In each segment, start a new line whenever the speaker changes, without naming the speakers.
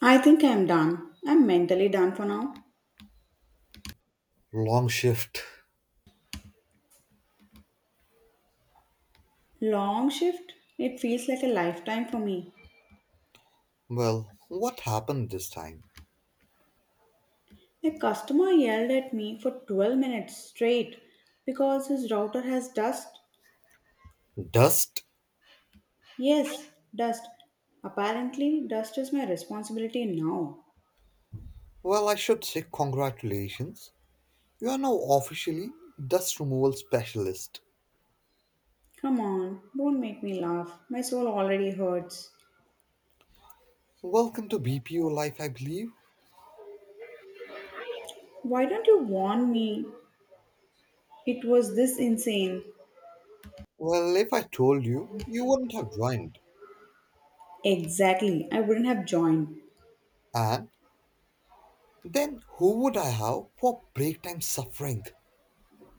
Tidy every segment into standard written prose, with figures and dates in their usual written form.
I think I'm done. I'm mentally done for now.
Long shift.
Long shift? It feels like a lifetime for me.
Well, what happened this time?
A customer yelled at me for 12 minutes straight because his router has dust.
Dust?
Yes, dust. Apparently, dust is my responsibility now.
Well, I should say congratulations. You are now officially dust removal specialist.
Come on, don't make me laugh. My soul already hurts.
Welcome to BPO life, I believe.
Why don't you warn me? It was this insane.
Well, if I told you, you wouldn't have joined.
Exactly, I wouldn't have joined.
And then who would I have for break time suffering?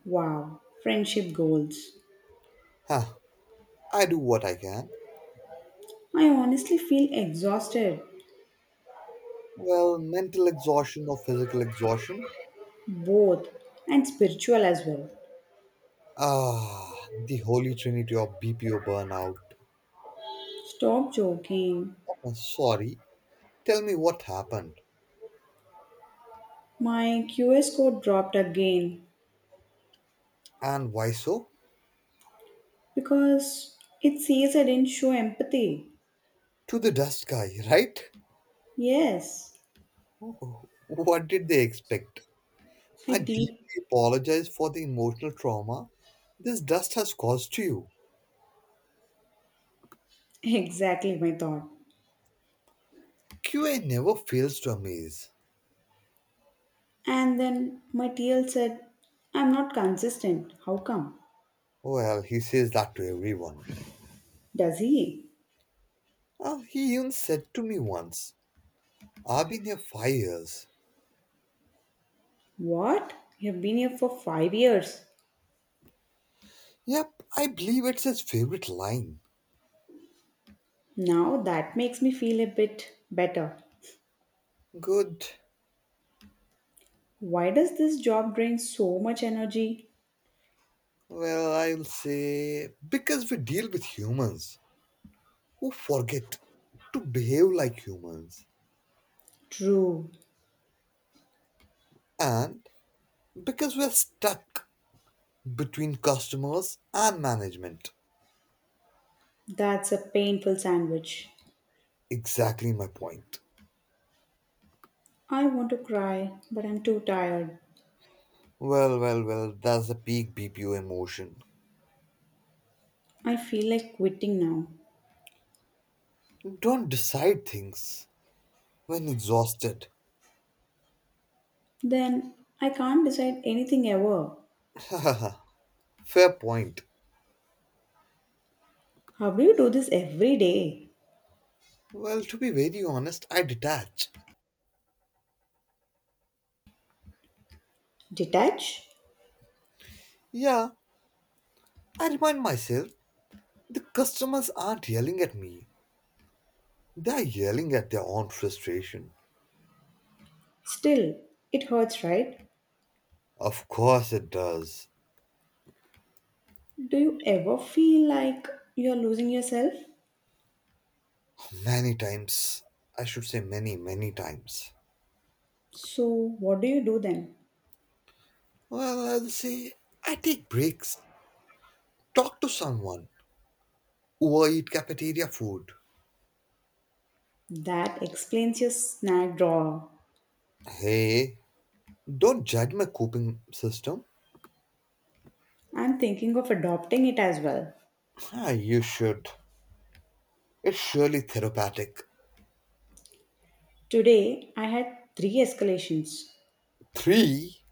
Wow, friendship goals.
Huh, I do what I can.
I honestly feel exhausted,
Well, mental exhaustion or physical exhaustion?
both and spiritual as well.
Ah, the holy trinity of BPO burnout.
Stop joking.
Oh, sorry. Tell me what happened
My QS code dropped again
and why so?
because it says I didn't show empathy.
To the dust guy, right?
Yes,
Oh, what did they expect?
I
I deeply
deep
apologize for the emotional trauma this dust has caused to you.
exactly my thought.
QA never fails to amaze.
And then my TL said, I'm not consistent. How come?
Well, he says that to everyone.
Does he?
He even said to me once, I've been here 5 years.
What? You've been here for 5 years.
Yep, I believe it's his favorite line.
Now that makes me feel a bit better.
Good.
Why does this job drain so much energy?
Well, I'll say, because we deal with humans who forget to behave like humans,
True,
and because we're stuck between customers and management.
that's a painful sandwich.
Exactly my point.
I want to cry, but I'm too tired.
Well, well, well, that's the peak BPO emotion.
I feel like quitting now.
Don't decide things when exhausted.
Then I can't decide anything ever.
Fair point.
How do you do this every day?
Well, to be very honest, I detach.
Detach?
Yeah, I remind myself the customers aren't yelling at me, they're yelling at their own frustration.
Still, it hurts, right?
Of course it does.
Do you ever feel like you're losing yourself?
Many times. I should say many, many times.
So, what do you do then?
Well, I'll say I take breaks, talk to someone, overeat cafeteria food.
That explains your snack drawer.
Hey, don't judge my coping system.
I'm thinking of adopting it as well.
Ah, you should. It's surely therapeutic.
Today, I had three escalations.
Three?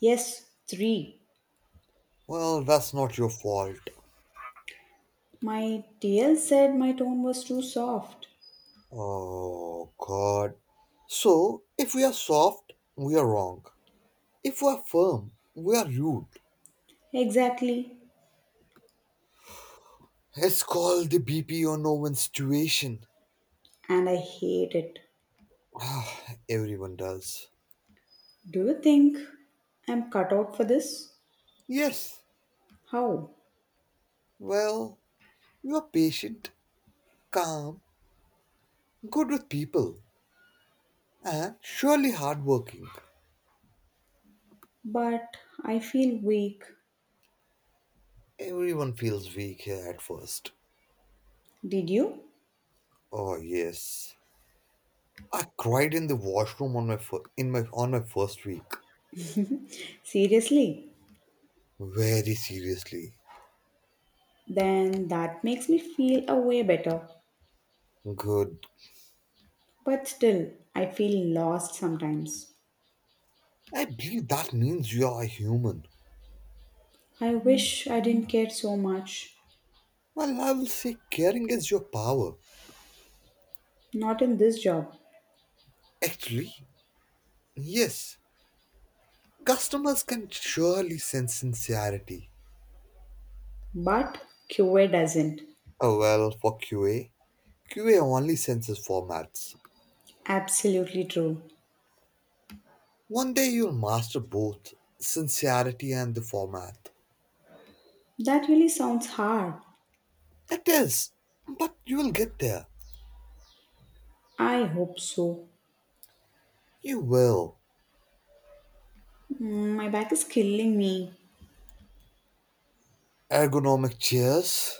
Yes, three.
Well, that's not your fault.
My TL said my tone was too soft.
Oh, God. So, if we are soft, we are wrong. If we are firm, we are rude.
Exactly.
It's called the BP or no win situation.
And I hate it.
Everyone does.
Do you think I'm cut out for this?
Yes,
How?
well, you are patient, calm, good with people, and surely hardworking.
But I feel weak.
Everyone feels weak here at first.
Did you?
Oh yes, I cried in the washroom on my first week.
Seriously?
Very seriously.
Then that makes me feel a way better.
Good.
But still, I feel lost sometimes.
I believe that means you are a human.
I wish I didn't care so much.
Well, I will say caring is your power.
Not in this job.
Actually, yes. Customers can surely sense sincerity.
But QA doesn't.
Oh well, for QA. QA only senses formats.
Absolutely true.
One day you'll master both sincerity and the format.
That really sounds hard.
It is, but you'll get there.
I hope so.
You will.
Mm, my back is killing me.
Ergonomic chairs,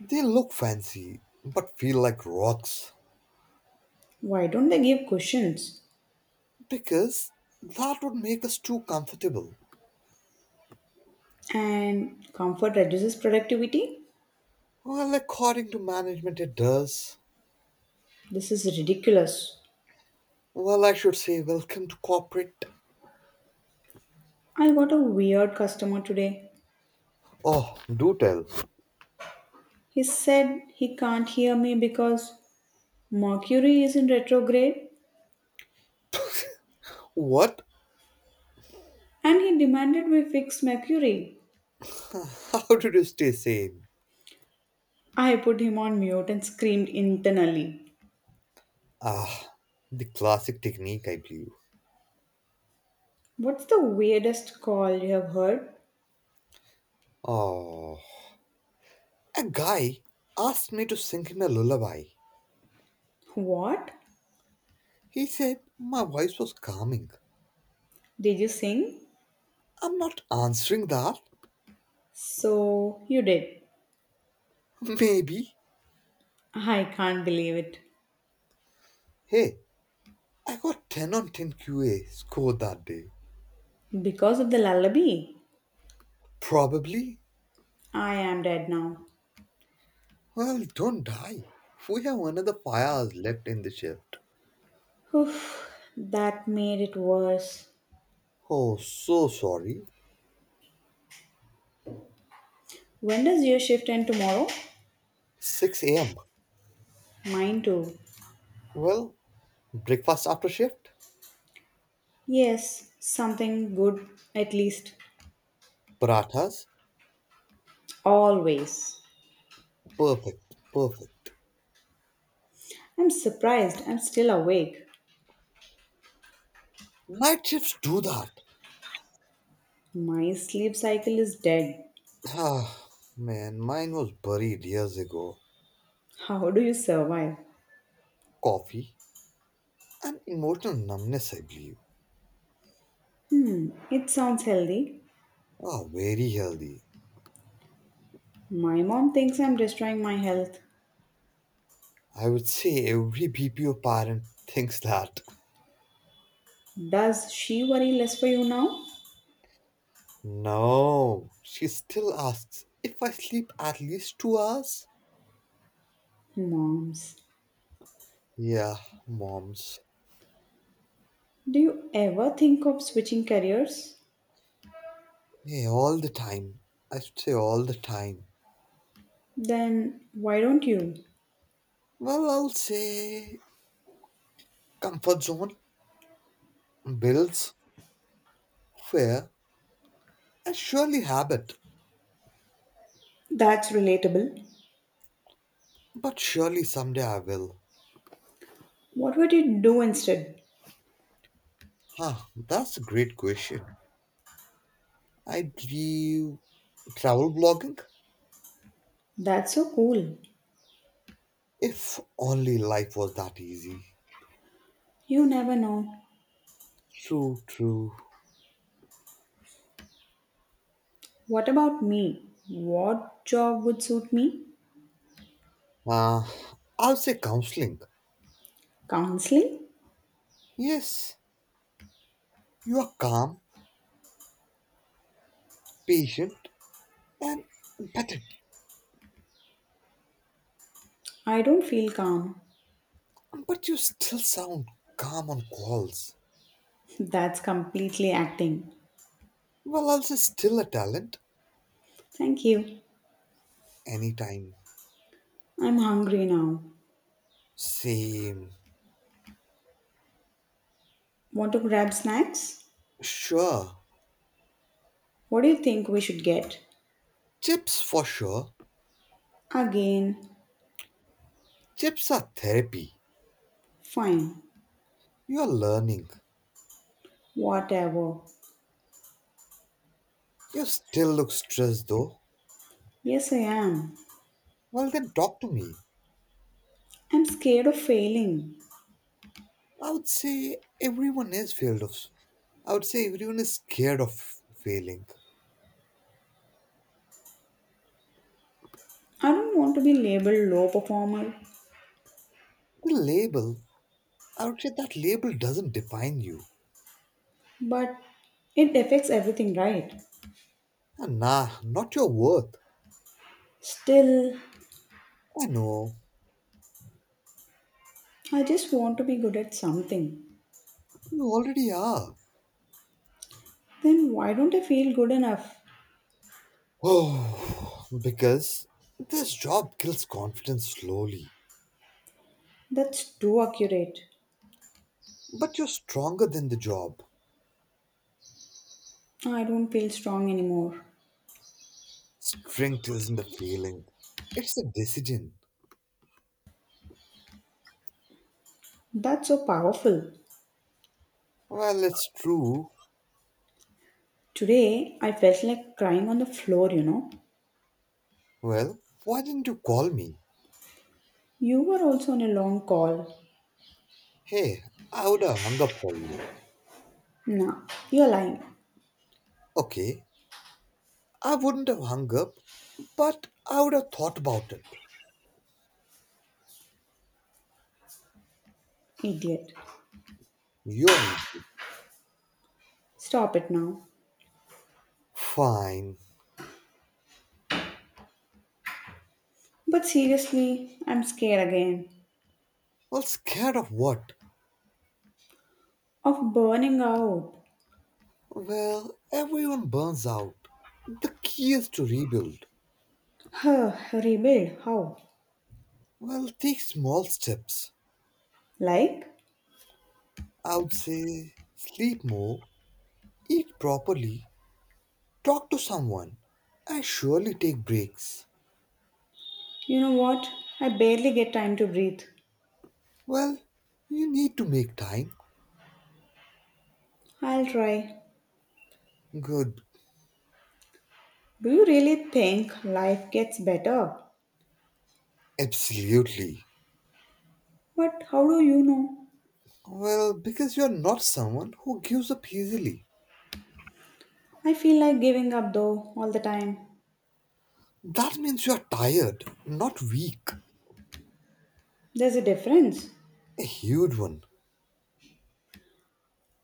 they look fancy, but feel like rocks
Why don't they give cushions?
because that would make us too comfortable.
And comfort reduces productivity?
Well, according to management, it does.
This is ridiculous.
Well, I should say, welcome to corporate.
I got a weird customer today.
Oh, do tell.
He said he can't hear me because Mercury is in retrograde
What?
and he demanded we fix Mercury.
How did you stay sane?
I put him on mute and screamed internally.
Ah, the classic technique, I believe.
What's the weirdest call you have heard?
Oh, a guy asked me to sing him a lullaby.
What?
He said my voice was calming.
Did you sing?
I'm not answering that.
So you did.
Maybe.
I can't believe it.
Hey, I got 10 on 10 QA score that day.
Because of the lullaby,
Probably.
I am dead now.
Well, don't die. We have another 5 hours left in the shift.
Oof, that made it worse.
Oh, so sorry.
When does your shift end tomorrow?
6 a.m.
Mine too.
Well, breakfast after shift?
Yes, something good at least.
Parathas?
Always.
Perfect, perfect.
I'm surprised I'm still awake.
Night shifts do that.
My sleep cycle is dead.
Ah, man, mine was buried years ago.
How do you survive?
Coffee and emotional numbness, I believe.
Hmm, it sounds healthy.
Ah, very healthy.
My mom thinks I'm destroying my health.
I would say every BPO parent thinks that.
Does she worry less for you now?
No, she still asks if I sleep at least 2 hours.
Moms.
Yeah, moms.
Do you ever think of switching careers?
Yeah, all the time. I should say all the time.
Then why don't you?
Well, I'll say comfort zone, bills, fear, and surely habit.
That's relatable.
But surely someday I will.
What would you do instead?
Huh, that's a great question. I'd do travel blogging.
That's so cool.
If only life was that easy.
You never know.
True, true.
What about me? What job would suit me?
Uh, I'll say counseling.
Counseling?
Yes, you are calm, patient, and empathetic,
I don't feel calm.
but you still sound calm on calls.
That's completely acting.
Well, I'll say still a talent.
Thank you.
Anytime.
I'm hungry now.
Same.
Want to grab snacks?
Sure.
What do you think we should get?
Chips for sure.
Again,
Chips are therapy.
fine.
You are learning.
Whatever.
You still look stressed though.
Yes, I am.
Well, then talk to me.
I'm scared of failing.
I would say everyone is feared of. I would say everyone is scared of failing.
I don't want to be labeled low performer,
The label, I would say that label doesn't define you.
but it affects everything, right?
And nah, not your worth.
Still,
I know,
I just want to be good at something.
you already are.
Then why don't I feel good enough?
Oh, because this job kills confidence slowly.
That's too accurate.
But you're stronger than the job.
I don't feel strong anymore.
Strength isn't a feeling, it's a decision.
That's so powerful.
Well, it's true.
Today, I felt like crying on the floor,
Well, why didn't you call me?
You were also on a long call.
Hey, I would have hung up for you.
Nah, you're lying,
Okay, I wouldn't have hung up, but I would have thought about it.
idiot.
You're it.
Stop it now.
Fine.
But seriously, I'm scared again
Well, scared of what?
of burning out.
Well, everyone burns out. The key is to rebuild.
Huh, rebuild? How?
Well, take small steps.
Like?
I would say sleep more, eat properly, talk to someone, and surely take breaks.
You know what? I barely get time to breathe.
Well, you need to make time.
I'll try.
Good.
Do you really think life gets better?
Absolutely.
But how do you know?
Well, because you're not someone who gives up easily.
I feel like giving up though, all the time.
That means you're tired, not weak.
There's a difference.
A huge one.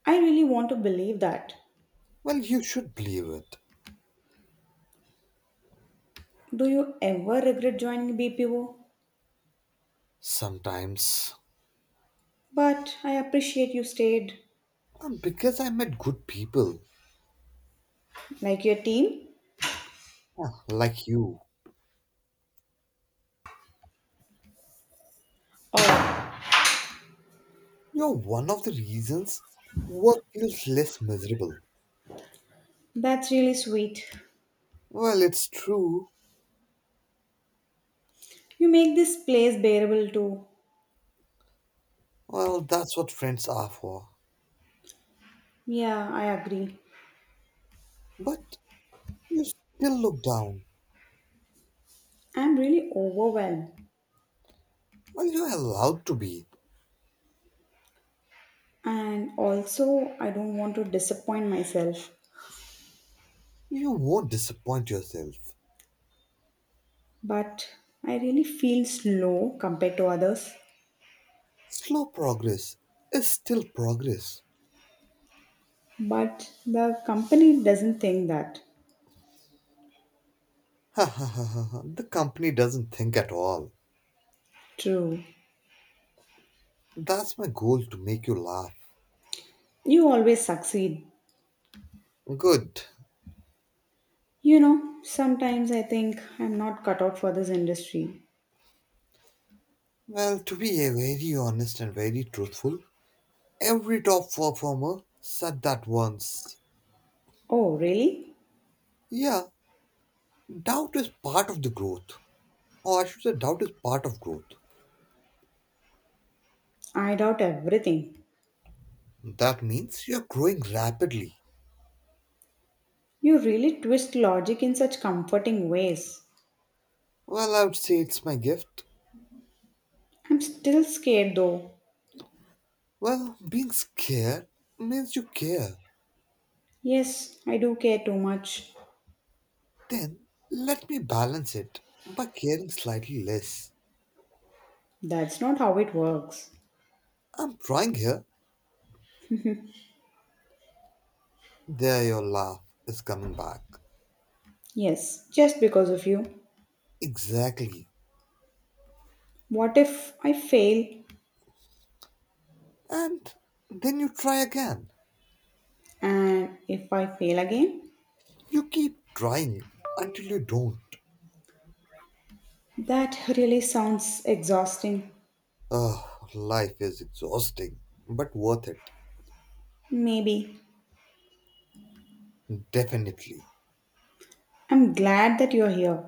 I really want to believe that.
Well, you should believe it.
Do you ever regret joining BPO?
Sometimes,
But I appreciate you stayed.
because I met good people
Like your team?
like you,
Oh,
you're one of the reasons work feels less miserable.
that's really sweet.
Well, it's true.
You make this place bearable too.
Well, that's what friends are for.
Yeah, I agree.
But you still look down.
I'm really overwhelmed
Well, you're allowed to be.
and also I don't want to disappoint myself,
You won't disappoint yourself.
but I really feel slow compared to others.
Slow progress is still progress.
But the company doesn't think that.
Ha ha ha ha. Ha. The company doesn't think at all.
True.
That's my goal to make you laugh.
You always succeed.
Good.
You know, sometimes I think I'm not cut out for this industry.
Well, to be a very honest and very truthful, every top performer said that once.
Oh, really?
Yeah, doubt is part of the growth. Or I should say, doubt is part of growth.
I doubt everything.
That means you're growing rapidly.
You really twist logic in such comforting ways.
Well, I would say it's my gift.
I'm still scared though.
Well, being scared means you care.
Yes, I do care too much.
Then let me balance it by caring slightly less.
That's not how it works.
I'm trying here. There, your laugh is coming back.
Yes, just because of you.
Exactly.
What if I fail
And then you try again.
and if I fail again?
You keep trying until you don't.
That really sounds exhausting.
Oh, life is exhausting, but worth it.
Maybe.
Definitely.
I'm glad that you're here.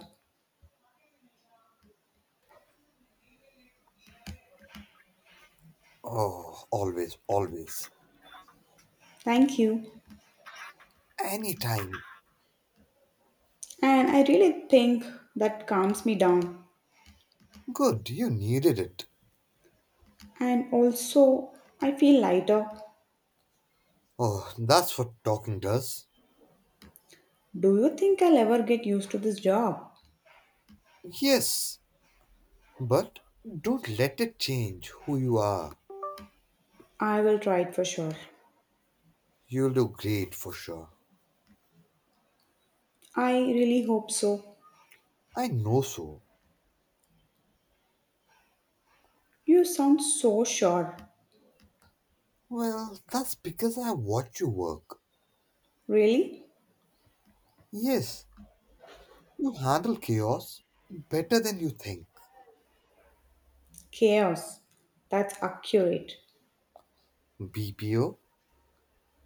Oh, always, always.
Thank you.
Anytime.
And I really think that calms me down.
Good, you needed it.
And also, I feel lighter.
Oh, that's what talking does.
Do you think I'll ever get used to this job?
Yes, but don't let it change who you are.
I will try it for sure.
You look great for sure.
I really hope so.
I know so.
You sound so sure.
Well, that's because I watch you work.
Really?
Yes, you handle chaos better than you think.
Chaos. That's accurate.
BPO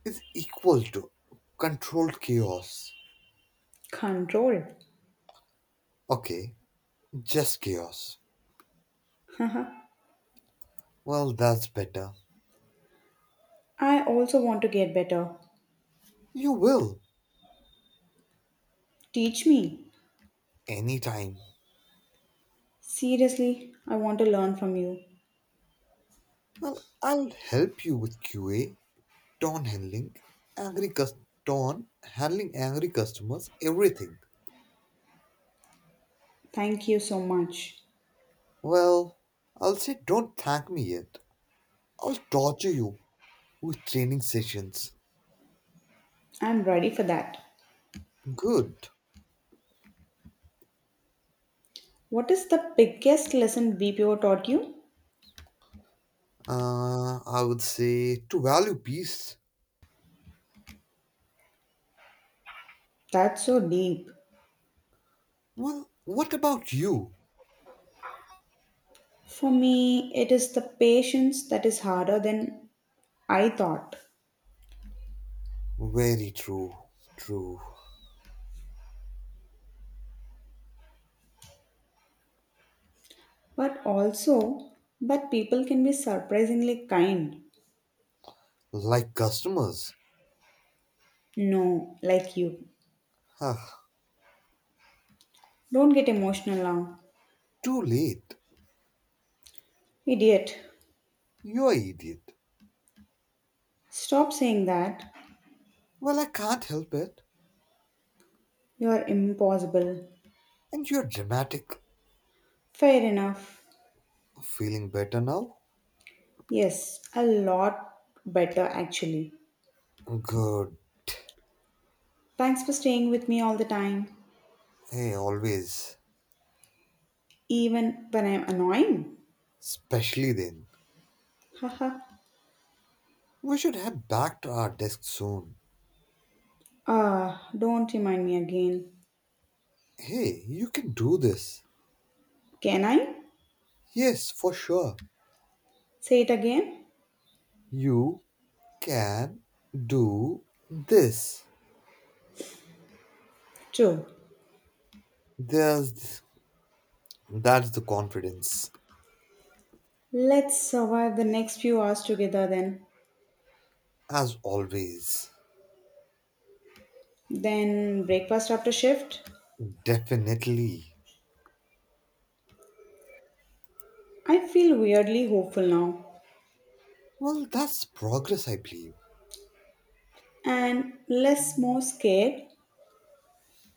is equal to controlled chaos.
Control.
Okay, just chaos.
Haha.
Well, that's better.
I also want to get better.
You will,
Teach me.
anytime.
Seriously, I want to learn from you.
Well, I'll help you with QA, Don handling, angry cus- Don handling angry customers, everything.
Thank you so much.
Well, I'll say don't thank me yet. I'll torture you with training sessions.
I'm ready for that.
Good.
What is the biggest lesson BPO taught you?
I would say to value peace.
That's so deep.
Well, what about you?
For me, it is the patience that is harder than I thought.
Very true. True.
But also, but people can be surprisingly kind.
Like customers.
No, like you.
Ah,
Don't get emotional now.
too late.
Idiot.
You're idiot.
Stop saying that.
Well, I can't help it.
You're impossible.
And you're dramatic.
Fair enough.
Feeling better now?
Yes, a lot better actually.
Good.
Thanks for staying with me all the time,
Hey, always.
even when I'm annoying.
Especially then.
Haha.
We should head back to our desk soon.
Ah, don't remind me again.
Hey, you can do this.
Can I?
Yes, for sure.
Say it again?
You can do this.
True.
There's that's the confidence,
Let's survive the next few hours together then.
as always.
Then breakfast after shift.
Definitely.
I feel weirdly hopeful now
Well, that's progress, I believe.
and less more scared.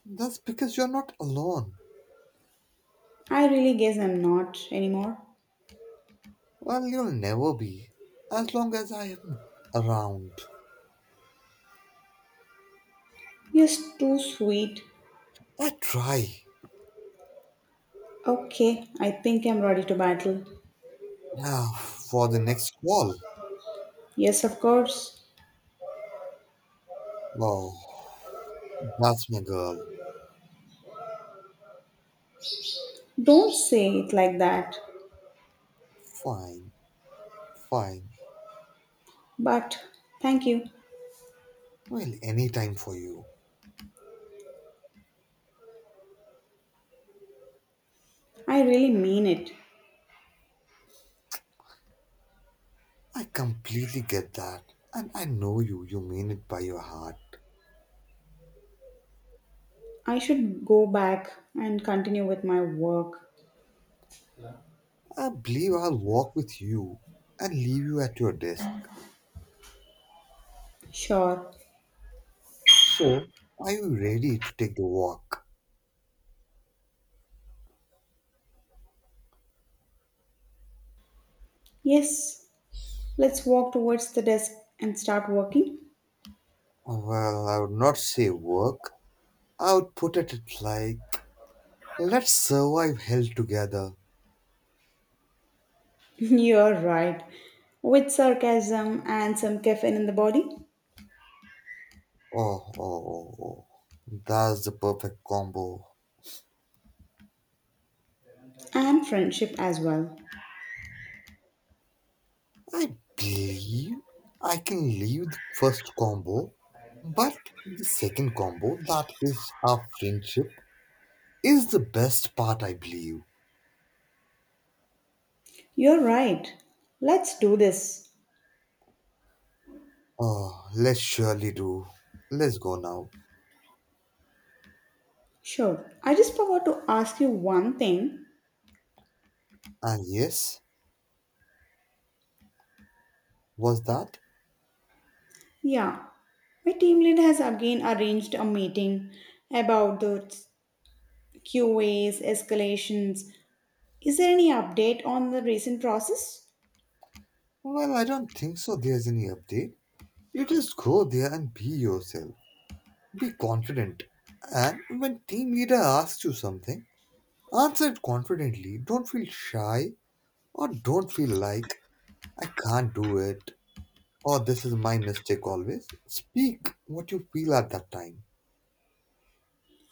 That's because you're not alone.
I really guess I'm not anymore.
Well, you'll never be, as long as I am around.
You're too sweet.
I try.
Okay, I think I'm ready to battle.
Now, for the next call.
Yes, of course.
Oh, that's my girl.
Don't say it like that.
Fine, fine.
But thank you.
Well, any time for you.
I really mean it.
I completely get that. And I know you mean it by your heart.
I should go back and continue with my work.
I believe I'll walk with you and leave you at your desk.
Sure.
So, are you ready to take the walk?
Yes, let's walk towards the desk and start working.
Well, I would not say work. I would put it at like, let's survive hell together.
You're right. With sarcasm and some caffeine in the body
Oh, oh, oh, oh. That's the perfect combo.
and friendship as well.
I believe I can leave the first combo, but the second combo, that is our friendship, is the best part, I believe.
You're right. Let's do this.
Oh, let's surely do. Let's go now.
Sure. I just forgot to ask you one thing.
And yes, was that?
Yeah, my team lead has again arranged a meeting about the QAs, escalations. Is there any update on the recent process?
Well, I don't think so. There's any update. You just go there and be yourself. Be confident. And when team leader asks you something, answer it confidently. Don't feel shy or don't feel like I can't do it or this is my mistake always. Speak what you feel at that time.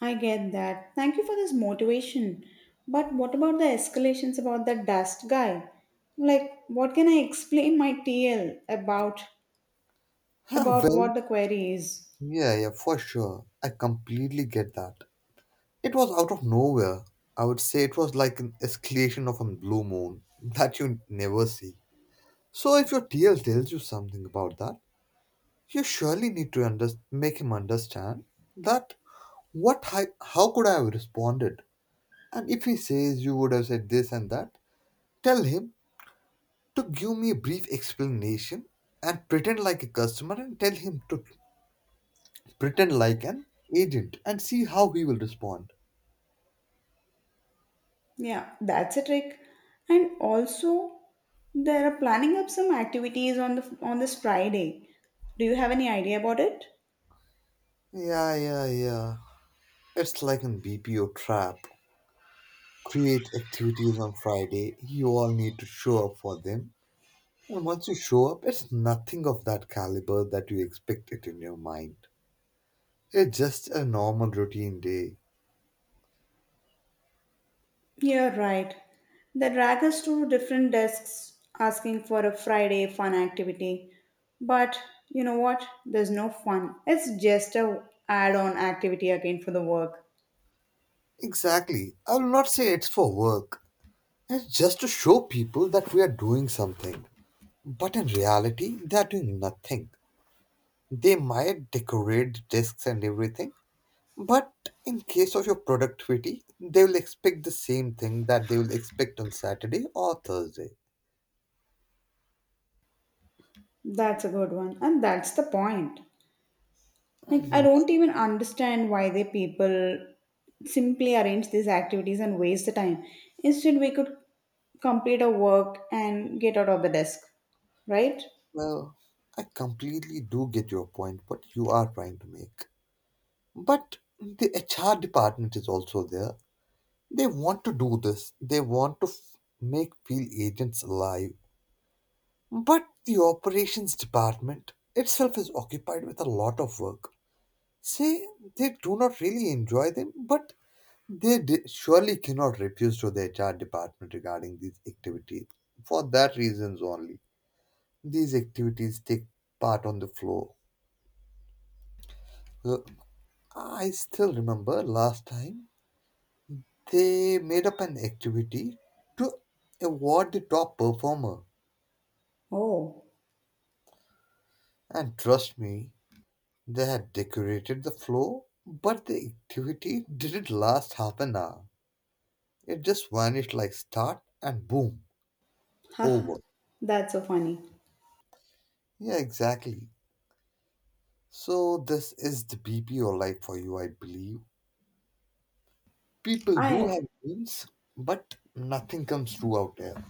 I get that. Thank you for this motivation. But what about the escalations about the dust guy? Like, what can I explain my TL about
Well,
what the query is?
yeah, yeah, for sure. I completely get that. It was out of nowhere. I would say it was like an escalation of a blue moon that you never see. So if your TL tells you something about that, you surely need to make him understand that how could I have responded? And if he says you would have said this and that, tell him to give me a brief explanation and pretend like a customer and tell him to pretend like an agent and see how he will respond.
Yeah, that's a trick. And also, they are planning up some activities on the on this Friday. Do you have any idea about it?
Yeah, yeah, yeah. It's like an BPO trap. Create activities on Friday. You all need to show up for them. And once you show up, it's nothing of that caliber that you expect it in your mind. It's just a normal routine day.
Yeah, right. They drag us to different desks asking for a Friday fun activity. But you know what? There's no fun. It's just a add-on activity again for the work.
Exactly. I will not say it's for work. It's just to show people that we are doing something. But in reality, they are doing nothing. They might decorate the desks and everything, but in case of your productivity, they will expect the same thing that they will expect on Saturday or Thursday.
That's a good one. And that's the point. Like, I
Mhm.
don't even understand why they people simply arrange these activities and waste the time. Instead, we could complete our work and get out of the desk, right?
Well, I completely do get your point, what you are trying to make. But the HR department is also there. They want to do this, they want to make field agents alive. But the operations department itself is occupied with a lot of work. Say, they do not really enjoy them, but they surely cannot refuse to the HR department regarding these activities. For that reasons only, these activities take part on the floor. Uh, I still remember last time they made up an activity to award the top performer.
Oh,
And trust me, they had decorated the floor, but the activity didn't last half an hour. It just vanished like start and boom,
haha,
over.
that's so funny.
Yeah, exactly. So, this is the BPO life for you, I believe. People do
I
have dreams, but nothing comes true out there.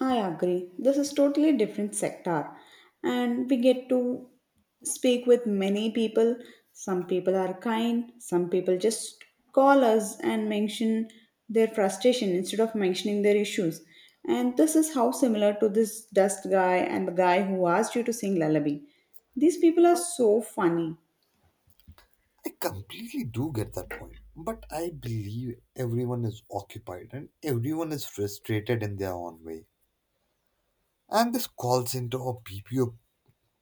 I agree. This is totally different sector and we get to speak with many people. Some people are kind, some people just call us and mention their frustration instead of mentioning their issues. And this is how similar to this dust guy and the guy who asked you to sing lullaby. These people are so funny.
I completely do get that point, but I believe everyone is occupied and everyone is frustrated in their own way. And this call center or BPO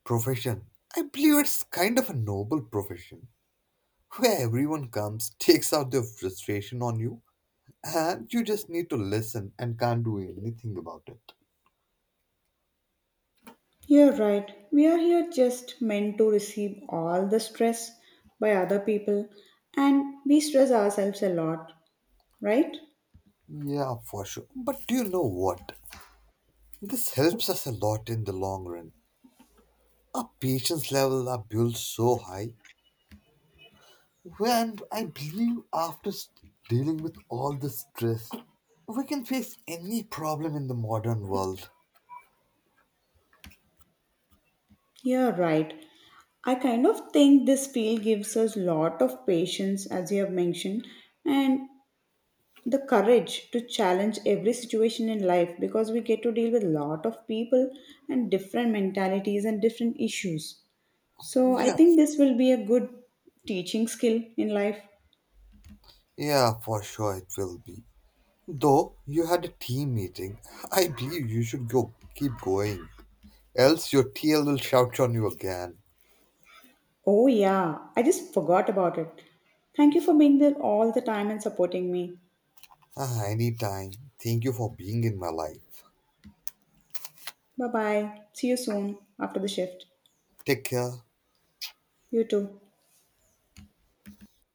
profession, I believe it's kind of a noble profession where everyone comes, takes out their frustration on you, and you just need to listen and can't do anything about it.
You're right. We are here just meant to receive all the stress by other people, and we stress ourselves a lot. Right?
Yeah, for sure. But do you know what? This helps us a lot in the long run. Our patience level are built so high. And I believe after dealing with all the stress, we can face any problem in the modern world.
You're right. I kind of think this field gives us lot of patience, as you have mentioned, and the courage to challenge every situation in life because we get to deal with lot of people and different mentalities and different issues. So I
Yeah,
think this will be a good teaching skill in life.
yeah, for sure it will be. Though you had a team meeting, I believe you should go keep going. Else your TL will shout on you again.
Oh yeah, I just forgot about it. Thank you for being there all the time and supporting me.
Ah, anytime. Thank you for being in my life.
Bye bye. See you soon after the shift.
Take care.
You too.